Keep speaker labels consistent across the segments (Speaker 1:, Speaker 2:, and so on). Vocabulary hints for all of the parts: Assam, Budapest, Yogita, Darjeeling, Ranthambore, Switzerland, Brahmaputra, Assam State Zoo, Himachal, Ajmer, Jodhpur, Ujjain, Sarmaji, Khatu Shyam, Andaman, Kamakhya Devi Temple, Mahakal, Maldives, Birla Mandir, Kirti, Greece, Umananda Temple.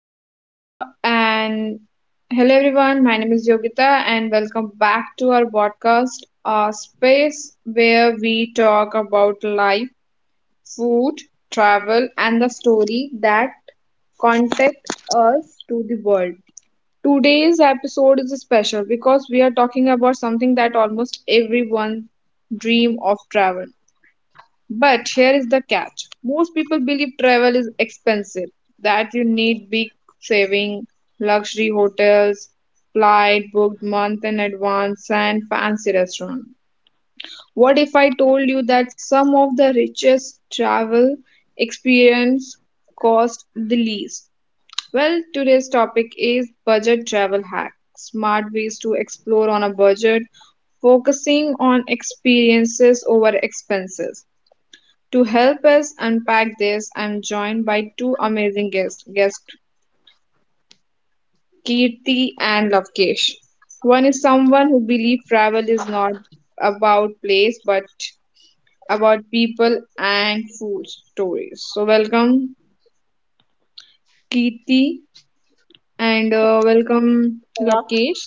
Speaker 1: Yogita and Hello everyone, my name is Yogita and welcome back to our podcast, a space where we talk about life, food, travel and the story that contact us to the world. Today's episode is special because we are talking about something that almost everyone dream of travel, but here is the catch. Most people believe travel is expensive, that you need big saving, luxury hotels, flight booked month in advance, and fancy restaurant. What if I told you that some of the richest travel experience cost the least? Well, today's topic is budget travel hacks, smart ways to explore on a budget, focusing on experiences over expenses. To help us unpack this, I'm joined by two amazing guests Kirti and Lavkesh. One is someone who believes travel is not about place but about people and food stories. So, welcome Kirti and welcome
Speaker 2: Shreya,
Speaker 1: Lavkesh.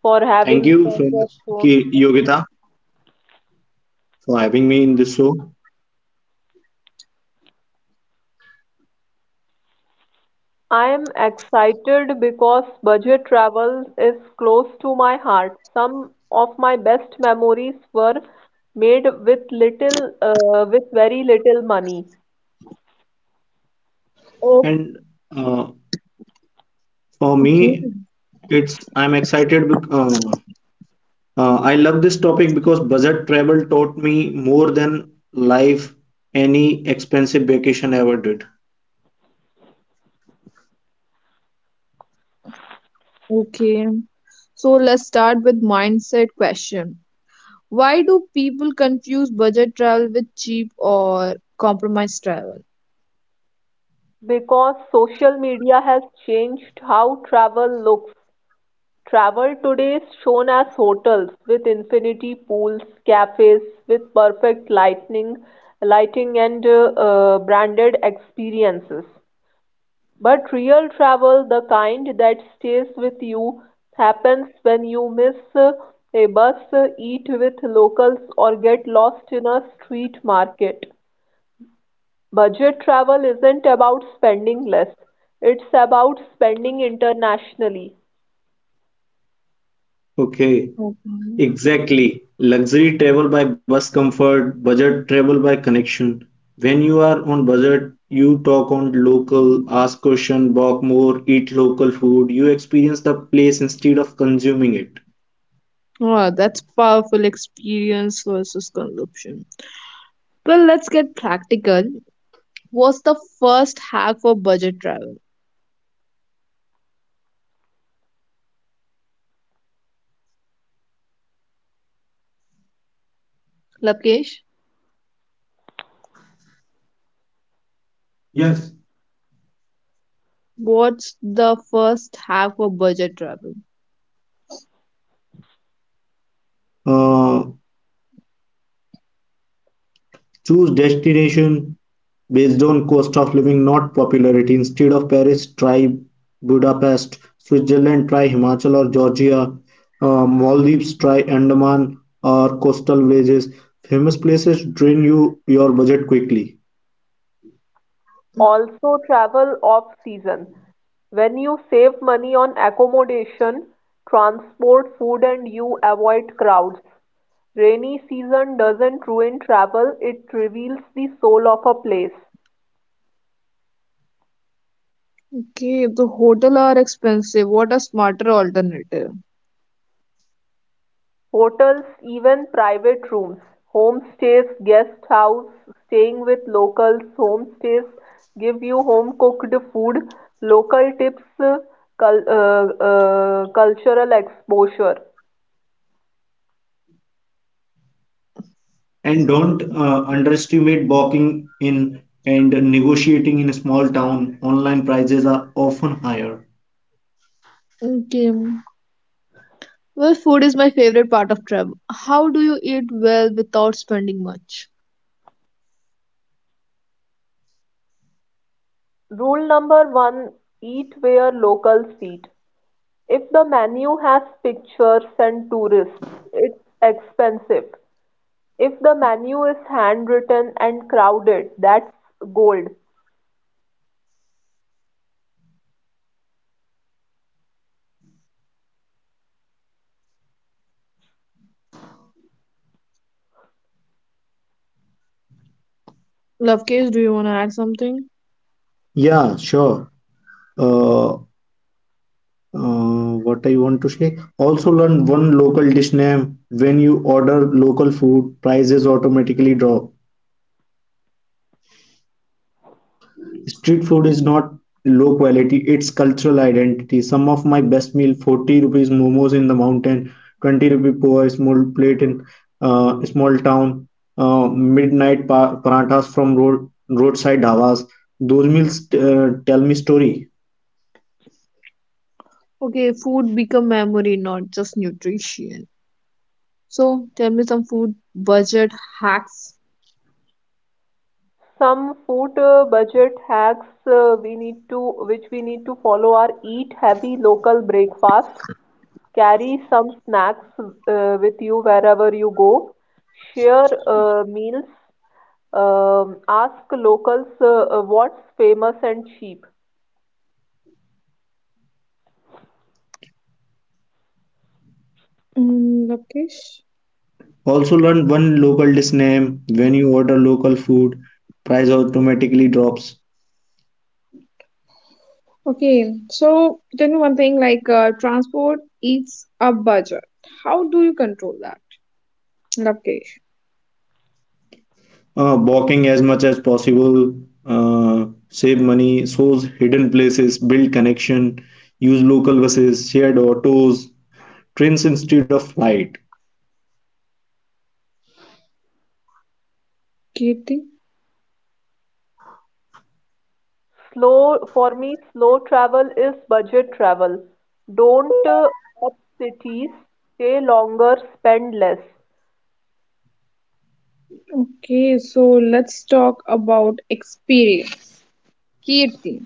Speaker 2: for
Speaker 3: Thank
Speaker 2: having
Speaker 3: you
Speaker 2: me
Speaker 3: so
Speaker 2: on
Speaker 3: much,
Speaker 2: your show.
Speaker 3: Yogita, for having me in this show.
Speaker 2: I am excited because budget travel is close to my heart. Some of my best memories were made with very little money
Speaker 1: Oh,
Speaker 3: And uh, for
Speaker 1: okay,
Speaker 3: me, it's I'm excited. I love this topic because budget travel taught me more than life any expensive vacation ever did.
Speaker 1: okay. So, let's start with mindset question. Why do people confuse budget travel with cheap or compromise travel?
Speaker 2: because social media has changed how travel looks. Travel today is shown as hotels with infinity pools, cafes with perfect lighting and branded experiences. But real travel, the kind that stays with you, happens when you miss a bus, eat with locals, or get lost in a street market. Budget travel isn't about spending less, it's about spending internationally.
Speaker 3: Okay.
Speaker 1: Mhm.
Speaker 3: Exactly. Luxury travel by bus comfort, budget travel by connection. When you are on budget, you talk on local, ask question, walk more, eat local food. You experience the place instead of consuming it.
Speaker 1: Wow, that's powerful experience versus consumption. Well, let's get practical. What's the first hack for budget travel? Lakesh,
Speaker 3: Yes.
Speaker 1: what's the first hack for budget travel?
Speaker 3: Uh, Choose destination based on cost of living not popularity. Instead of Paris try Budapest, Switzerland try Himachal or Georgia, Maldives try Andaman or coastal villages. Famous places drain you your budget quickly.
Speaker 2: Also, travel off season. When you save money on accommodation, transport, food, and you avoid crowds. Rainy season doesn't ruin travel, it reveals the soul of a place.
Speaker 1: Okay, the hotel are expensive. What a smarter alternative.
Speaker 2: Hotels, even private rooms, homestays, guest house, staying with locals, homestays give you home cooked food, local tips, cultural exposure.
Speaker 3: And don't underestimate balking in and negotiating in a small town. Online prices are often higher.
Speaker 1: Okay. Well, food is my favorite part of travel. How do you eat well without spending much?
Speaker 2: Rule number one, eat where locals eat. If the menu has pictures and tourists, it's expensive. If the menu is handwritten and crowded, that's gold.
Speaker 1: Lovekesh, do you want to add something?
Speaker 3: Yeah, sure. Uh, what I want to say. Also learn one local dish name. When you order local food, prices automatically drop. Street food is not low quality, it's cultural identity. Some of my best meal, 40 rupees momos in the mountain, 20 rupee poha, small plate in small town, midnight parathas from roadside dhabas. Those meals tell me story.
Speaker 1: Okay, food become memory, not just nutrition. So tell me some food budget hacks.
Speaker 2: Some food budget hacks we need to which we need to follow are eat heavy local breakfasts, carry some snacks with you wherever you go, share meals, ask locals what's famous and cheap.
Speaker 1: Mm, Lokesh.
Speaker 3: Also learn one local dish name when you order local food. Price automatically drops.
Speaker 1: Okay, so tell me one thing like transport eats a budget. How do you control that? Lokesh.
Speaker 3: Walking as much as possible. Save money. Shows hidden places. Build connection. Use local buses, shared autos, trains instead of flight.
Speaker 1: Kirti.
Speaker 2: Slow travel is budget travel. Don't up cities, stay longer, spend less.
Speaker 1: Okay, so let's talk about experience. Kirti.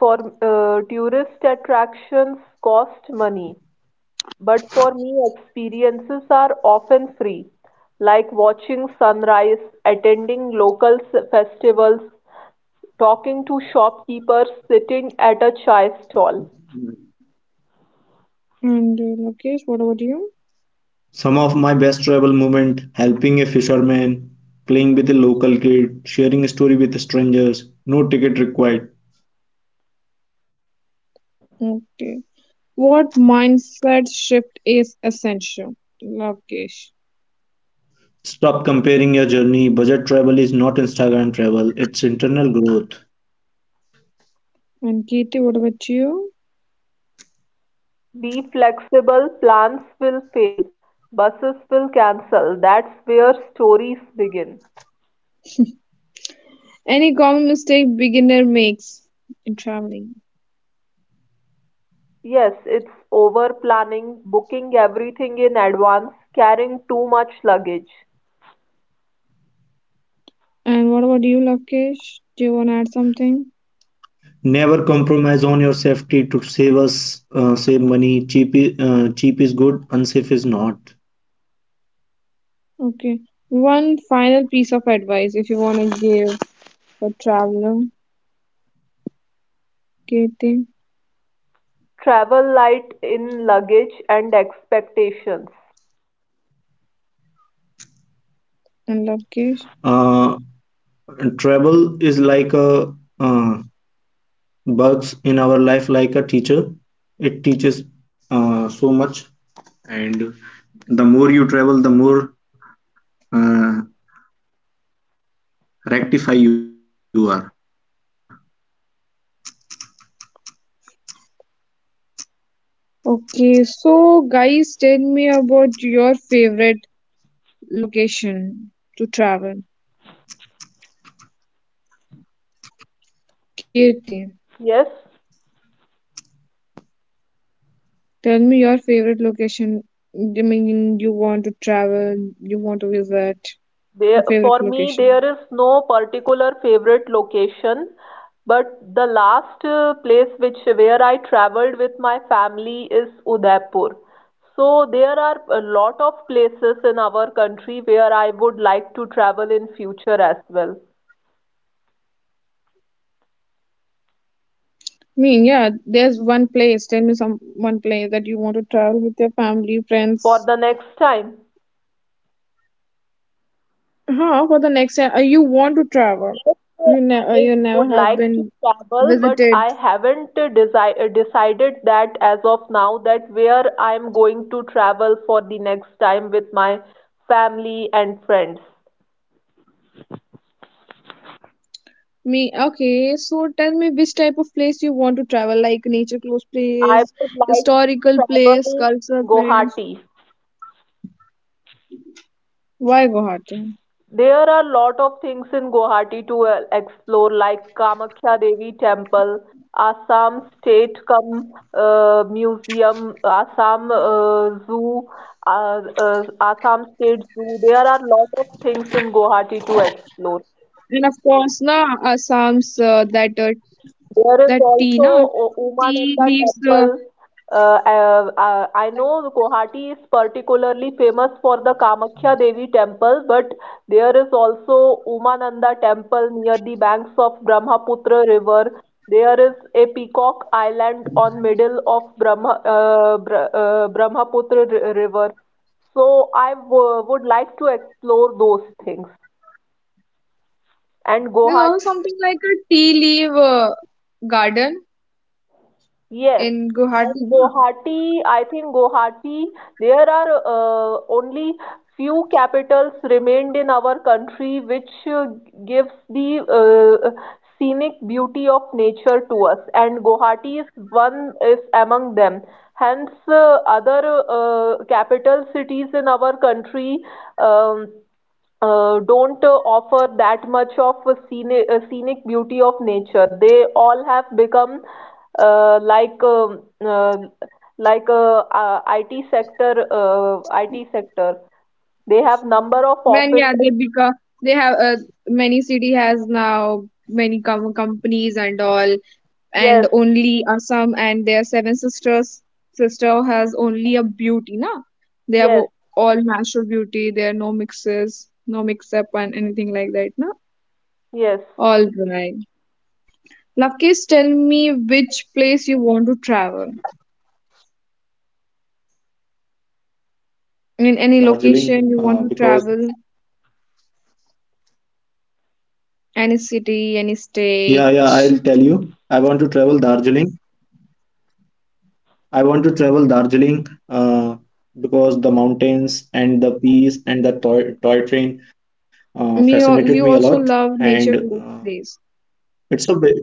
Speaker 2: For tourist attractions cost money, but for me experiences are often free, like watching sunrise, attending local festivals, talking to shopkeepers, sitting at a chai stall.
Speaker 1: And Lokesh, what about you?
Speaker 3: Some of my best travel moment: helping a fisherman, playing with a local kid, sharing a story with strangers. No ticket required.
Speaker 1: Okay. What mindset shift is essential? Lokesh.
Speaker 3: Stop comparing your journey. Budget travel is not Instagram travel, it's internal growth.
Speaker 1: And Kirti, what about you?
Speaker 2: Be flexible, plans will fail, buses will cancel. That's where stories begin.
Speaker 1: Any common mistake beginner makes in traveling.
Speaker 2: Yes, it's over planning, booking everything in advance, carrying too much luggage.
Speaker 1: And what about you, Lokesh? Do you want to add something?
Speaker 3: Never compromise on your safety to save money. Cheap is good, unsafe is not.
Speaker 1: Okay. One final piece of advice if you want to give for traveler, Katie
Speaker 2: Travel light in luggage and expectations.
Speaker 1: and Lokesh.
Speaker 3: Uh, Travel is like a uh, bugs in our life, like a teacher. It teaches so much, and the more you travel, the more uh, rectify you are.
Speaker 1: Okay, so guys, tell me about your favorite location to travel. Kirti,
Speaker 2: Yes,
Speaker 1: tell me your favorite location. I mean, you want to travel, you want to visit, your favorite
Speaker 2: For me,
Speaker 1: location.
Speaker 2: there is no particular favorite location, but the last place which where I traveled with my family is Udaipur. So there are a lot of places in our country where I would like to travel in future as well
Speaker 1: I mean, yeah, there's one place. Tell me some one place that you want to travel with your family,
Speaker 2: for
Speaker 1: friends.
Speaker 2: the next time.
Speaker 1: Huh? For the next time, you want to travel.
Speaker 2: Yes, I
Speaker 1: You never
Speaker 2: would
Speaker 1: have
Speaker 2: like to
Speaker 1: been
Speaker 2: travel, but
Speaker 1: visited.
Speaker 2: I haven't desi decided that as of now that where I'm going to travel for the next time with my family and friends.
Speaker 1: Me, okay. So tell me which type of place you want to travel, like nature close
Speaker 2: I
Speaker 1: place,
Speaker 2: would like to
Speaker 1: historical place,
Speaker 2: travel
Speaker 1: cultural place.
Speaker 2: Guwahati.
Speaker 1: Why Guwahati?
Speaker 2: There are lot of things in Guwahati to explore, like Kamakhya Devi Temple, Assam State Cum Museum, Assam State Zoo. There are lot of things in Guwahati to explore.
Speaker 1: And of course, na Assam's that
Speaker 2: There is also
Speaker 1: tea, na
Speaker 2: Umananda
Speaker 1: tea leaves
Speaker 2: temple. I know Guwahati is particularly famous for the Kamakhya Devi temple, but there is also Umananda temple near the banks of Brahmaputra river. There is a peacock island on middle of Brahmaputra river. So I would like to explore those things. And
Speaker 1: There's
Speaker 2: Guwahati
Speaker 1: also something like a tea leaf garden
Speaker 2: Yes,
Speaker 1: in Guwahati,
Speaker 2: and
Speaker 1: na?
Speaker 2: Guwahati, I think Guwahati, there are only few capitals remained in our country which gives the scenic beauty of nature to us, and Guwahati is one is among them. Hence, other capital cities in our country Um, don't offer that much of a scenic beauty of nature. They all have become uh, like um uh, like a IT sector IT sector. They have number of
Speaker 1: Man, yeah,
Speaker 2: offices.
Speaker 1: they become they have many city has now many companies and all,
Speaker 2: Yes,
Speaker 1: and only Assam and their seven sister has only a beauty, na? They have
Speaker 2: yes,
Speaker 1: all natural beauty. There are no mixes, no mix up and anything like that, na?
Speaker 2: yes,
Speaker 1: All right. Lovekesh, tell me which place you want to travel. In any
Speaker 3: I want to
Speaker 1: location you want to
Speaker 3: travel
Speaker 1: travel,
Speaker 3: Darjeeling because
Speaker 1: Any city,
Speaker 3: yeah,
Speaker 1: any
Speaker 3: yeah, I'll tell
Speaker 1: state.
Speaker 3: you. I want to travel Darjeeling. I want to travel Darjeeling uh, because the mountains and the peace and the toy train fascinated me a
Speaker 1: You
Speaker 3: lot,
Speaker 1: also love
Speaker 3: and
Speaker 1: nature close place.
Speaker 3: it's a ve-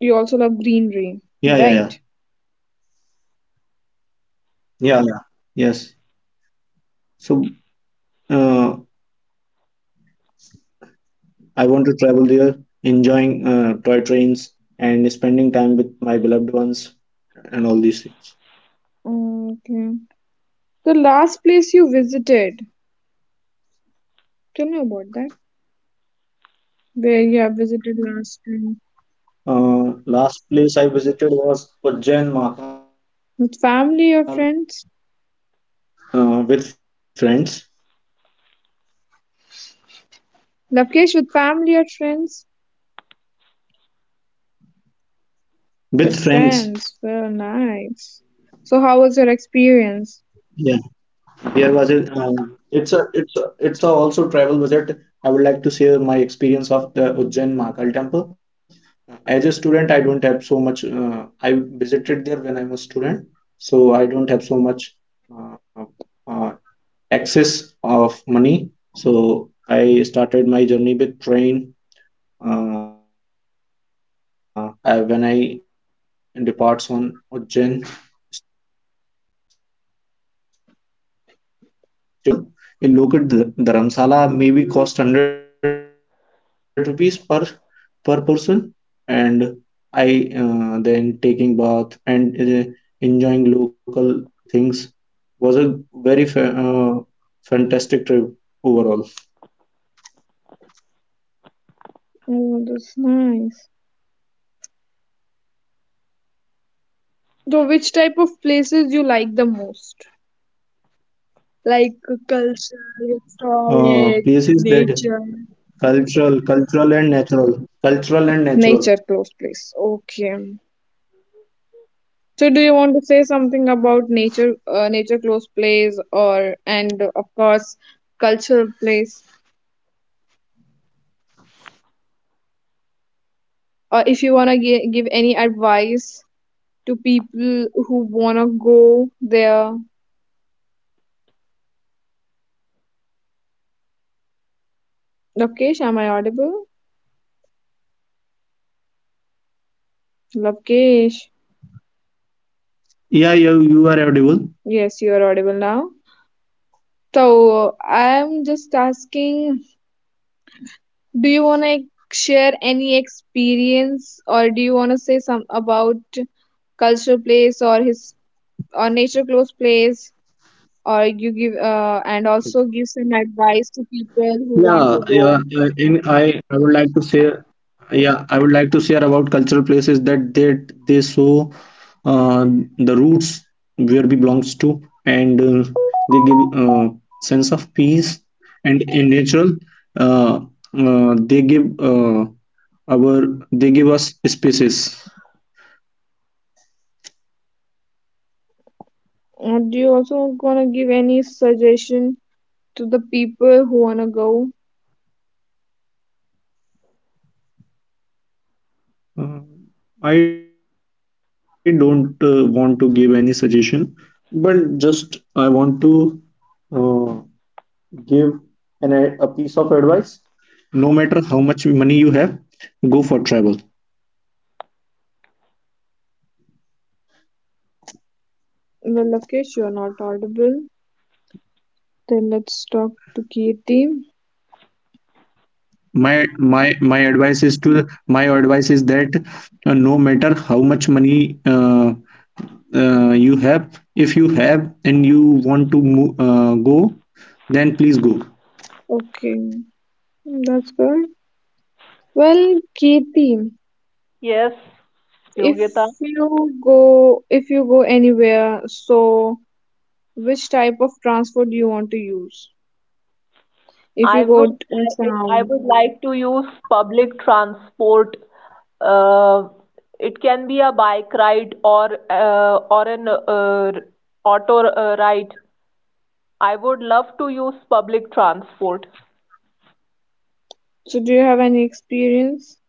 Speaker 1: You also love greenery,
Speaker 3: yeah, yeah,
Speaker 1: right?
Speaker 3: yeah, yeah, yeah, yes. so uh, I want to travel there, enjoying toy trains and spending time with my beloved ones and all these things.
Speaker 1: Okay. The last place you visited. Tell me about that. Where you have visited last time.
Speaker 3: Last place I visited was Ujjain Mahakal
Speaker 1: With
Speaker 3: Temple,
Speaker 1: family or friends?
Speaker 3: and with friends.
Speaker 1: Lokesh, with family or friends? With
Speaker 3: With friends,
Speaker 1: friends. Well, nice. So, how was your experience?
Speaker 3: yeah. There was a. It's a. It's a, It's a also travel visit. I would like to share my experience of the Ujjain Mahakal Temple. As a student, I don't have so much. I visited there when I was student, so I don't have so much uh, uh, access of money. So I started my journey with train uh, in I think when I departs on Ujjain station, then I booked a local, not hotel, a local dharamsala, maybe cost 100 rupees per person, and I then taking bath and uh, enjoying local things was a very fa fantastic trip overall.
Speaker 1: Oh, that's nice. So, which type of places you like the most? Like culture, historic,
Speaker 3: Places that
Speaker 1: nature.
Speaker 3: Cultural, cultural and natural. Cultural and natural.
Speaker 1: Nature close place. Okay. So do you want to say something about nature close place, or and of course cultural place, or if you wanna give any advice to people who wanna go there? Lokesh, am I audible?
Speaker 3: Yeah, you are audible.
Speaker 1: Lokesh,
Speaker 3: Yeah, you are
Speaker 1: yes, you
Speaker 3: audible.
Speaker 1: are audible now. So I'm just
Speaker 3: So
Speaker 1: asking,
Speaker 3: tell me.
Speaker 1: do you want to share any experience, or do you want to say some about cultural place or nature close place, or you give and also give some advice to
Speaker 3: Yeah,
Speaker 1: people
Speaker 3: yeah.
Speaker 1: who want to
Speaker 3: In
Speaker 1: go?
Speaker 3: I would like to say. Yeah, I would like to share about cultural places that they show uh, the roots where we belongs to, and they give sense of peace. And in natural, uh, they give our they give us spaces.
Speaker 1: Do you also want to give any suggestion to the people who want to go?
Speaker 3: Uh, I don't want to give any suggestion, but just I want to uh, give an, a piece of advice. No matter how much money you have, go for travel.
Speaker 1: Well, Lakesh, you're not audible. Then let's talk to Kirti.
Speaker 3: My advice is that no matter how much money you have, if you have and you want to move, go, then please go.
Speaker 1: Okay, that's good. Well, Kirti,
Speaker 2: yes,
Speaker 1: if
Speaker 2: Yogita.
Speaker 1: you go, if you go anywhere, so which type of transport do you want to use? If you go to
Speaker 2: I
Speaker 1: town,
Speaker 2: would like to use public transport. Uh, it can be a bike ride or an auto ride. I would love to use public transport.
Speaker 1: so do you have any experience?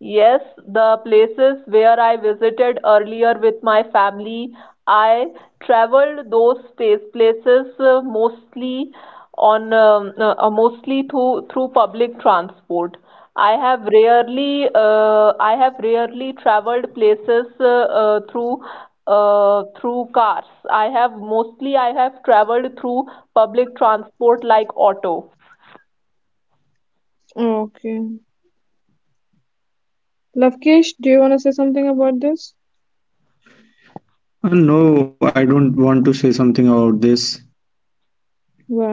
Speaker 2: Yes, the places where I visited earlier with my family, I traveled those place places mostly on mostly through through public transport. I have rarely traveled places through cars. I have traveled through public transport like auto.
Speaker 1: Okay. Lavkesh, do you want to say something about this?
Speaker 3: No, I don't want to say something about this.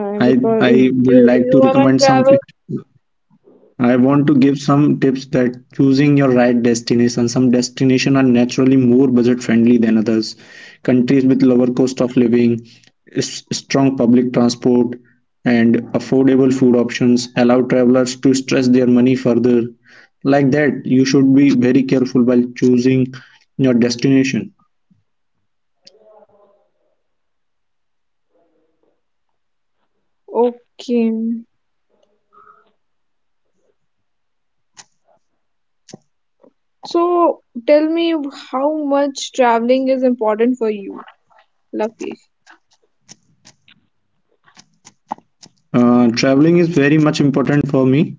Speaker 1: Because
Speaker 3: I
Speaker 1: if
Speaker 3: would like
Speaker 1: you
Speaker 3: to
Speaker 1: you
Speaker 3: recommend
Speaker 1: wanna
Speaker 3: some.
Speaker 1: travel?
Speaker 3: I want to give some tips that choosing your right destination. Some destination are naturally more budget friendly than others. Countries with lower cost of living, strong public transport, and affordable food options allow travelers to stretch their money further. Like that, you should be very careful while choosing your destination.
Speaker 1: Okay. So tell me how much traveling is important for you, Lavkesh.
Speaker 3: Traveling is very much important for me,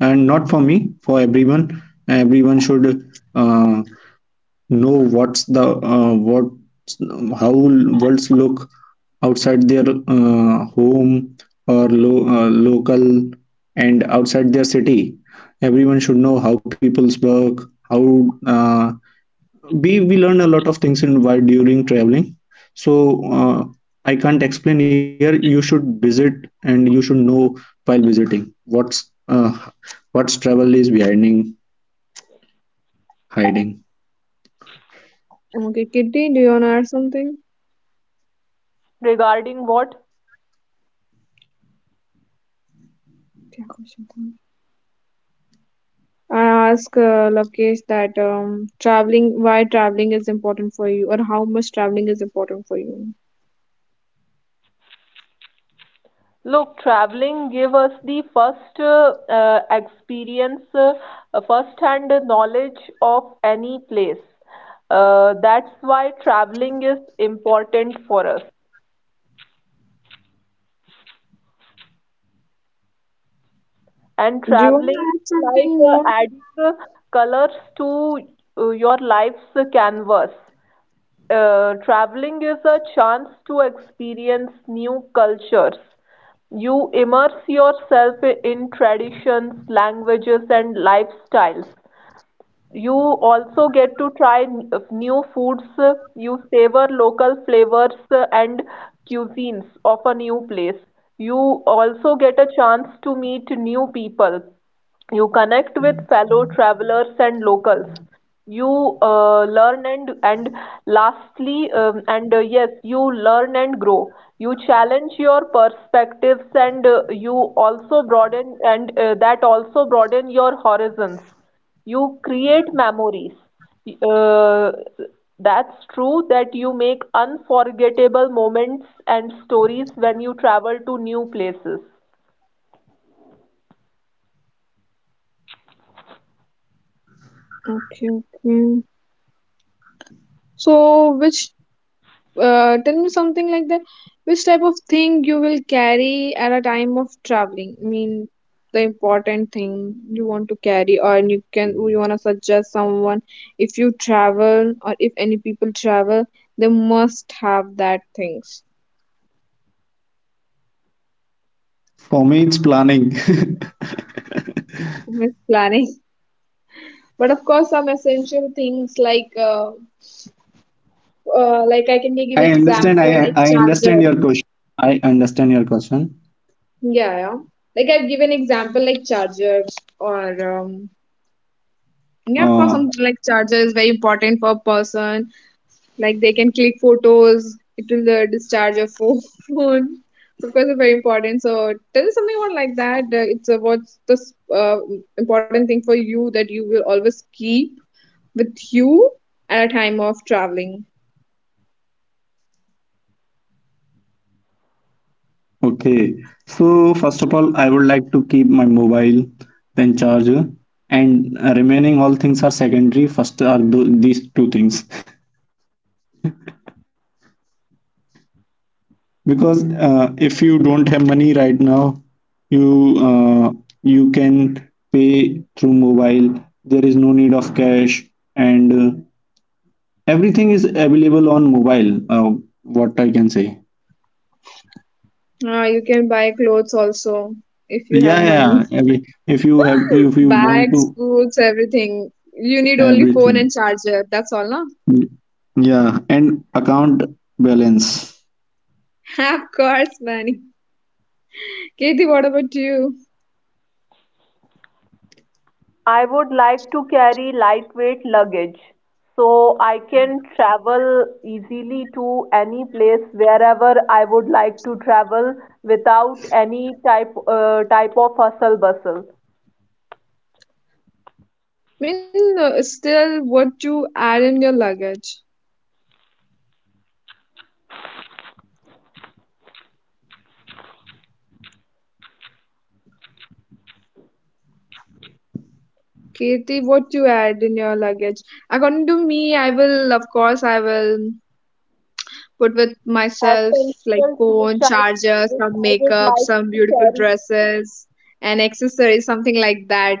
Speaker 3: and not for me, for everyone. Everyone should uh, know what how worlds look outside their home or local and outside their city. Everyone should know how people's work, how we learn a lot of things in while during traveling, so uh, I can't explain here. You should visit and you should know while visiting uh, what's travel is behind hiding.
Speaker 1: Okay, Kitty, do you wanna add something?
Speaker 2: Regarding what?
Speaker 1: क्या question था? I ask Lokesh that traveling, why traveling is important for you, or how much traveling is important for you.
Speaker 2: Look, traveling gave us the first-hand knowledge of any place. That's why traveling is important for us, and
Speaker 1: Do you want
Speaker 2: traveling
Speaker 1: to
Speaker 2: is
Speaker 1: add
Speaker 2: like
Speaker 1: something more?
Speaker 2: adding colors to your life's canvas. Traveling is a chance to experience new cultures. You immerse yourself in traditions, languages, and lifestyles. You also get to try new foods. You savor local flavors and cuisines of a new place. You also get a chance to meet new people. You connect with fellow travelers and locals. You uh, learn and and lastly and yes, you learn and grow. You challenge your perspectives and you also broaden, and that also broaden your horizons. You create memories. Uh, that's true that you make unforgettable moments and stories when you travel to new places.
Speaker 1: Okay, okay. So, which tell me something like that. Which type of thing you will carry at a time of traveling? I mean, the important thing you want to carry, or you can you want to suggest someone if you travel or if any people travel, they must have that things.
Speaker 3: For me, it's planning.
Speaker 1: Miss planning. But of course, some essential things like I can give
Speaker 3: I understand.
Speaker 1: example like
Speaker 3: I
Speaker 1: charger.
Speaker 3: understand your question. I understand your question.
Speaker 1: Yeah, yeah. Like I've given example like chargers or yeah, of course,
Speaker 3: Uh,
Speaker 1: some like charger is very important for a person. Like they can click photos. It will discharge your phone. So of course, it's very important. So tell us something about like that. It's what's the important thing for you that you will always keep with you at a time of traveling.
Speaker 3: okay. So first of all, I would like to keep my mobile, then charger, and remaining all things are secondary. First are th these two things. Because if you don't have money right now, you uh, you can pay through mobile. There is no need of cash, and everything is available on mobile. What I can say
Speaker 1: You can buy clothes also if you have
Speaker 3: Yeah, yeah,
Speaker 1: money.
Speaker 3: yeah. every, if you have if you want
Speaker 1: Bags,
Speaker 3: to
Speaker 1: boots, everything. You need only phone
Speaker 3: Everything.
Speaker 1: and charger. That's all, no?
Speaker 3: Yeah, and account balance.
Speaker 1: Of course, Manny. Katie, what about you?
Speaker 2: I would like to carry lightweight luggage so I can travel easily to any place wherever I would like to travel without any type of hustle bustle.
Speaker 1: I mean, still, what to add in your luggage? Katie, what you add in your luggage? According to me, I will, of course, I will put with myself like
Speaker 2: Essentials
Speaker 1: phone, charger,
Speaker 2: which
Speaker 1: some
Speaker 2: I would
Speaker 1: makeup,
Speaker 2: like
Speaker 1: some
Speaker 2: to
Speaker 1: beautiful
Speaker 2: carry.
Speaker 1: dresses, and accessories, something like that.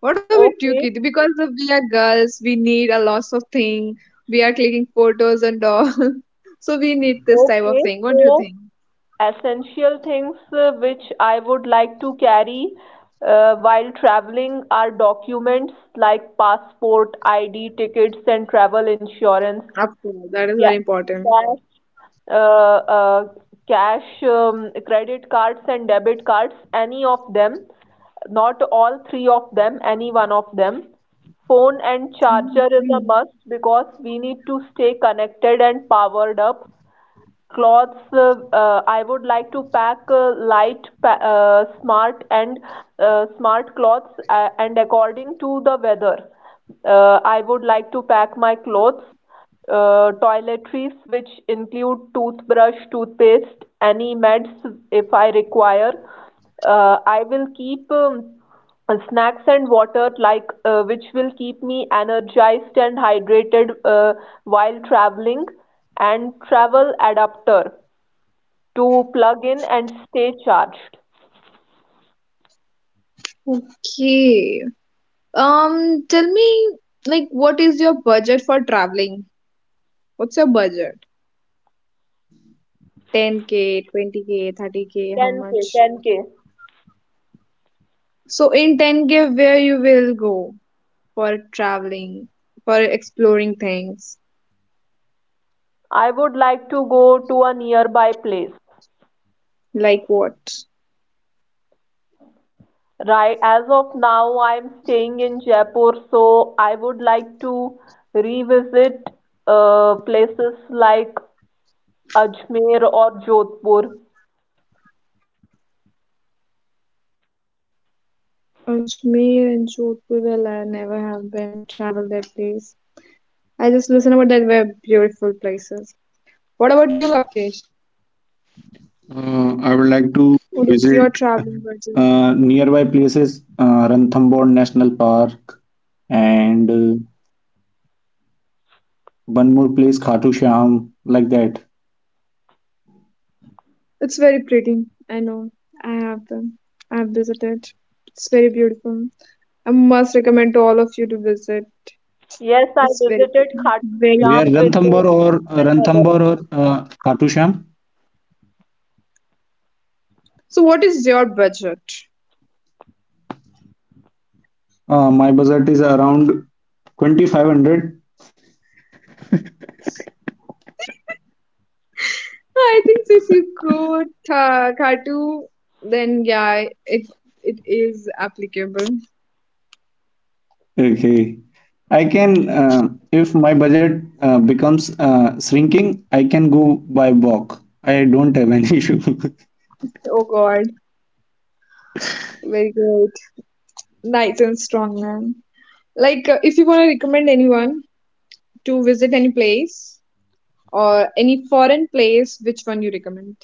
Speaker 1: What are we
Speaker 2: Okay,
Speaker 1: Tukit? Because of we are girls, we need a lot of thing. We are clicking photos and all. So we need this type of
Speaker 2: okay.
Speaker 1: thing. What do you
Speaker 2: So
Speaker 1: think?
Speaker 2: essential things which I would like to carry while traveling are documents like passport, ID, tickets, and travel insurance,
Speaker 1: Of course, that is very important.
Speaker 2: uh, uh, cash, credit cards, and debit cards, any of them, not all three of them, any one of them. Phone and charger is a
Speaker 1: Mhm.
Speaker 2: must because we need to stay connected and powered up. Cloths uh, uh, i would like to pack smart and smart cloths and according to the weather I would like to pack my clothes. Toiletries which include toothbrush, toothpaste, any meds if I require. I will keep snacks and water, which will keep me energized and hydrated while traveling, and travel adapter to plug in and stay charged.
Speaker 1: Okay. Um, tell me, like, what is your budget for traveling? What's your budget? 10K, 20K, 30K, how much?
Speaker 2: 10K,
Speaker 1: So in 10K, where you will go for traveling, for exploring things?
Speaker 2: I would like to go to a nearby place.
Speaker 1: Like what?
Speaker 2: Right, as of now I'm staying in Jaipur, so I would like to revisit places like Ajmer or Jodhpur.
Speaker 1: Ajmer and Jodhpur, will I never have been traveled that place. I just listen about that were beautiful places. What about you, Lokesh?
Speaker 3: I would like to
Speaker 1: What is
Speaker 3: visit
Speaker 1: your traveling budget?
Speaker 3: nearby places, Ranthambore National Park, and one more place, Khatu Sham, like that.
Speaker 1: It's very pretty. I know. I have been. I have visited. It's very beautiful. I must recommend to all of you to visit.
Speaker 2: Yes, I
Speaker 1: It's very
Speaker 2: visited
Speaker 1: pretty.
Speaker 2: Khatu
Speaker 1: Very
Speaker 3: Where
Speaker 2: Shyam
Speaker 1: beautiful.
Speaker 2: with
Speaker 3: Ranthambore or
Speaker 2: my mother.
Speaker 3: Ranthambore or Khatu Sham?
Speaker 1: So what is your budget?
Speaker 3: My budget is around 2,500.
Speaker 1: I think so if you go to Khatu, then yeah, it is applicable.
Speaker 3: Okay. I can, if my budget becomes shrinking, I can go by walk. I don't have any issue.
Speaker 1: Oh God, very good. Nice and strong, man. Like, if you want to recommend anyone to visit any place or any foreign place, which one you recommend?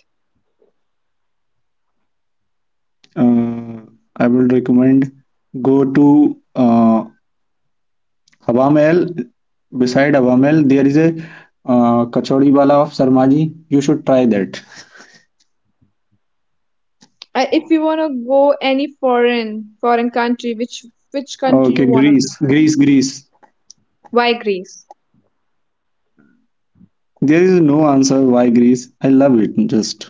Speaker 3: uh, I will recommend go to Hawa Mahal. Beside Hawa Mahal, there is a kachori wala of Sarmaji. You should try that.
Speaker 1: If you want to go any foreign country, which country you
Speaker 3: Okay,
Speaker 1: want to
Speaker 3: Greece,
Speaker 1: visit?
Speaker 3: Greece, Greece.
Speaker 1: Why Greece?
Speaker 3: There is no answer why Greece. I love it. Just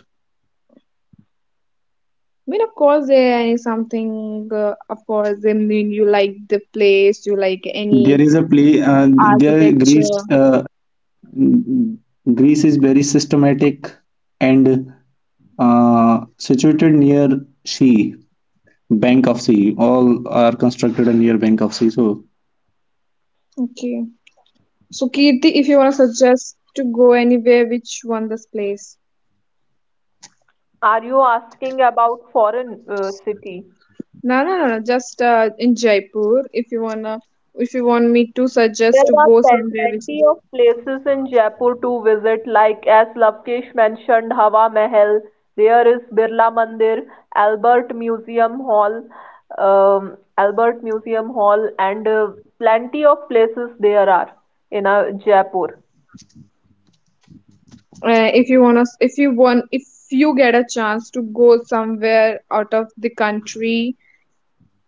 Speaker 1: I mean, of course, there is something. Of course, I mean, you like the place, you like any
Speaker 3: there is a play. There Greece.
Speaker 1: architecture.
Speaker 3: Greece is very systematic and situated near sea, bank of sea. All are constructed near bank of sea. So
Speaker 1: Okay. So, Kirti, if you want to suggest to go anywhere, which one this place?
Speaker 2: Are you asking about foreign city?
Speaker 1: No, no, no, no. Just in Jaipur, if you want me to suggest to
Speaker 2: There are
Speaker 1: go somewhere which,
Speaker 2: plenty of places in Jaipur to visit, like as Lavkesh mentioned, Hawa Mahal. There is Birla Mandir, Albert Museum Hall, Albert Museum Hall, and plenty of places there are in Jaipur.
Speaker 1: if you wanna, if you want, if you get a chance to go somewhere out of the country,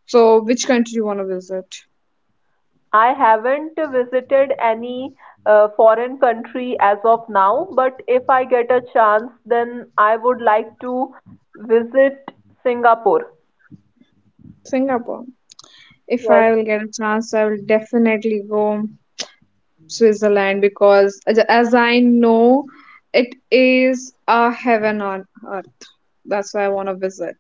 Speaker 1: so which country you wanna visit?
Speaker 2: I haven't visited any foreign country as of now, but if I get a chance, then I would like to visit Singapore.
Speaker 1: Singapore. If
Speaker 2: Yes,
Speaker 1: I will get a chance, I will definitely go Switzerland because as I know, it is a heaven on earth. That's why I want to visit.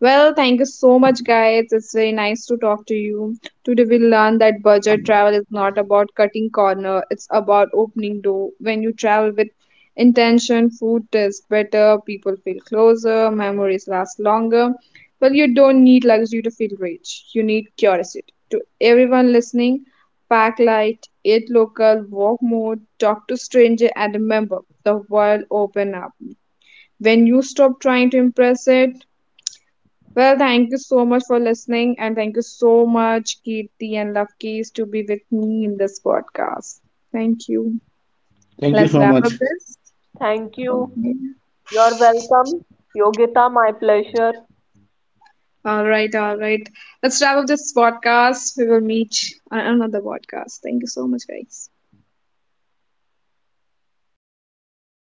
Speaker 1: Well, thank you so much, guys. It's very nice to talk to you. Today we learned that budget travel is not about cutting corner, it's about opening door. When you travel with intention, food tastes better, people feel closer, memories last longer. Well, you don't need luxury to feel rich. You need curiosity. To everyone listening, pack light, eat local, walk more, talk to stranger, and remember the world open up when you stop trying to impress it. Well, thank you so much for listening, and thank you so much, Kirti and Lovekeys, to be with me in this podcast. Thank you.
Speaker 3: thank
Speaker 1: Let's
Speaker 3: you so
Speaker 1: wrap up
Speaker 3: much.
Speaker 1: this.
Speaker 2: thank you.
Speaker 1: Okay.
Speaker 2: You're welcome. Yogita, my pleasure.
Speaker 1: All right, all right. Let's wrap up this podcast. We will meet on another podcast. Thank you so much, guys.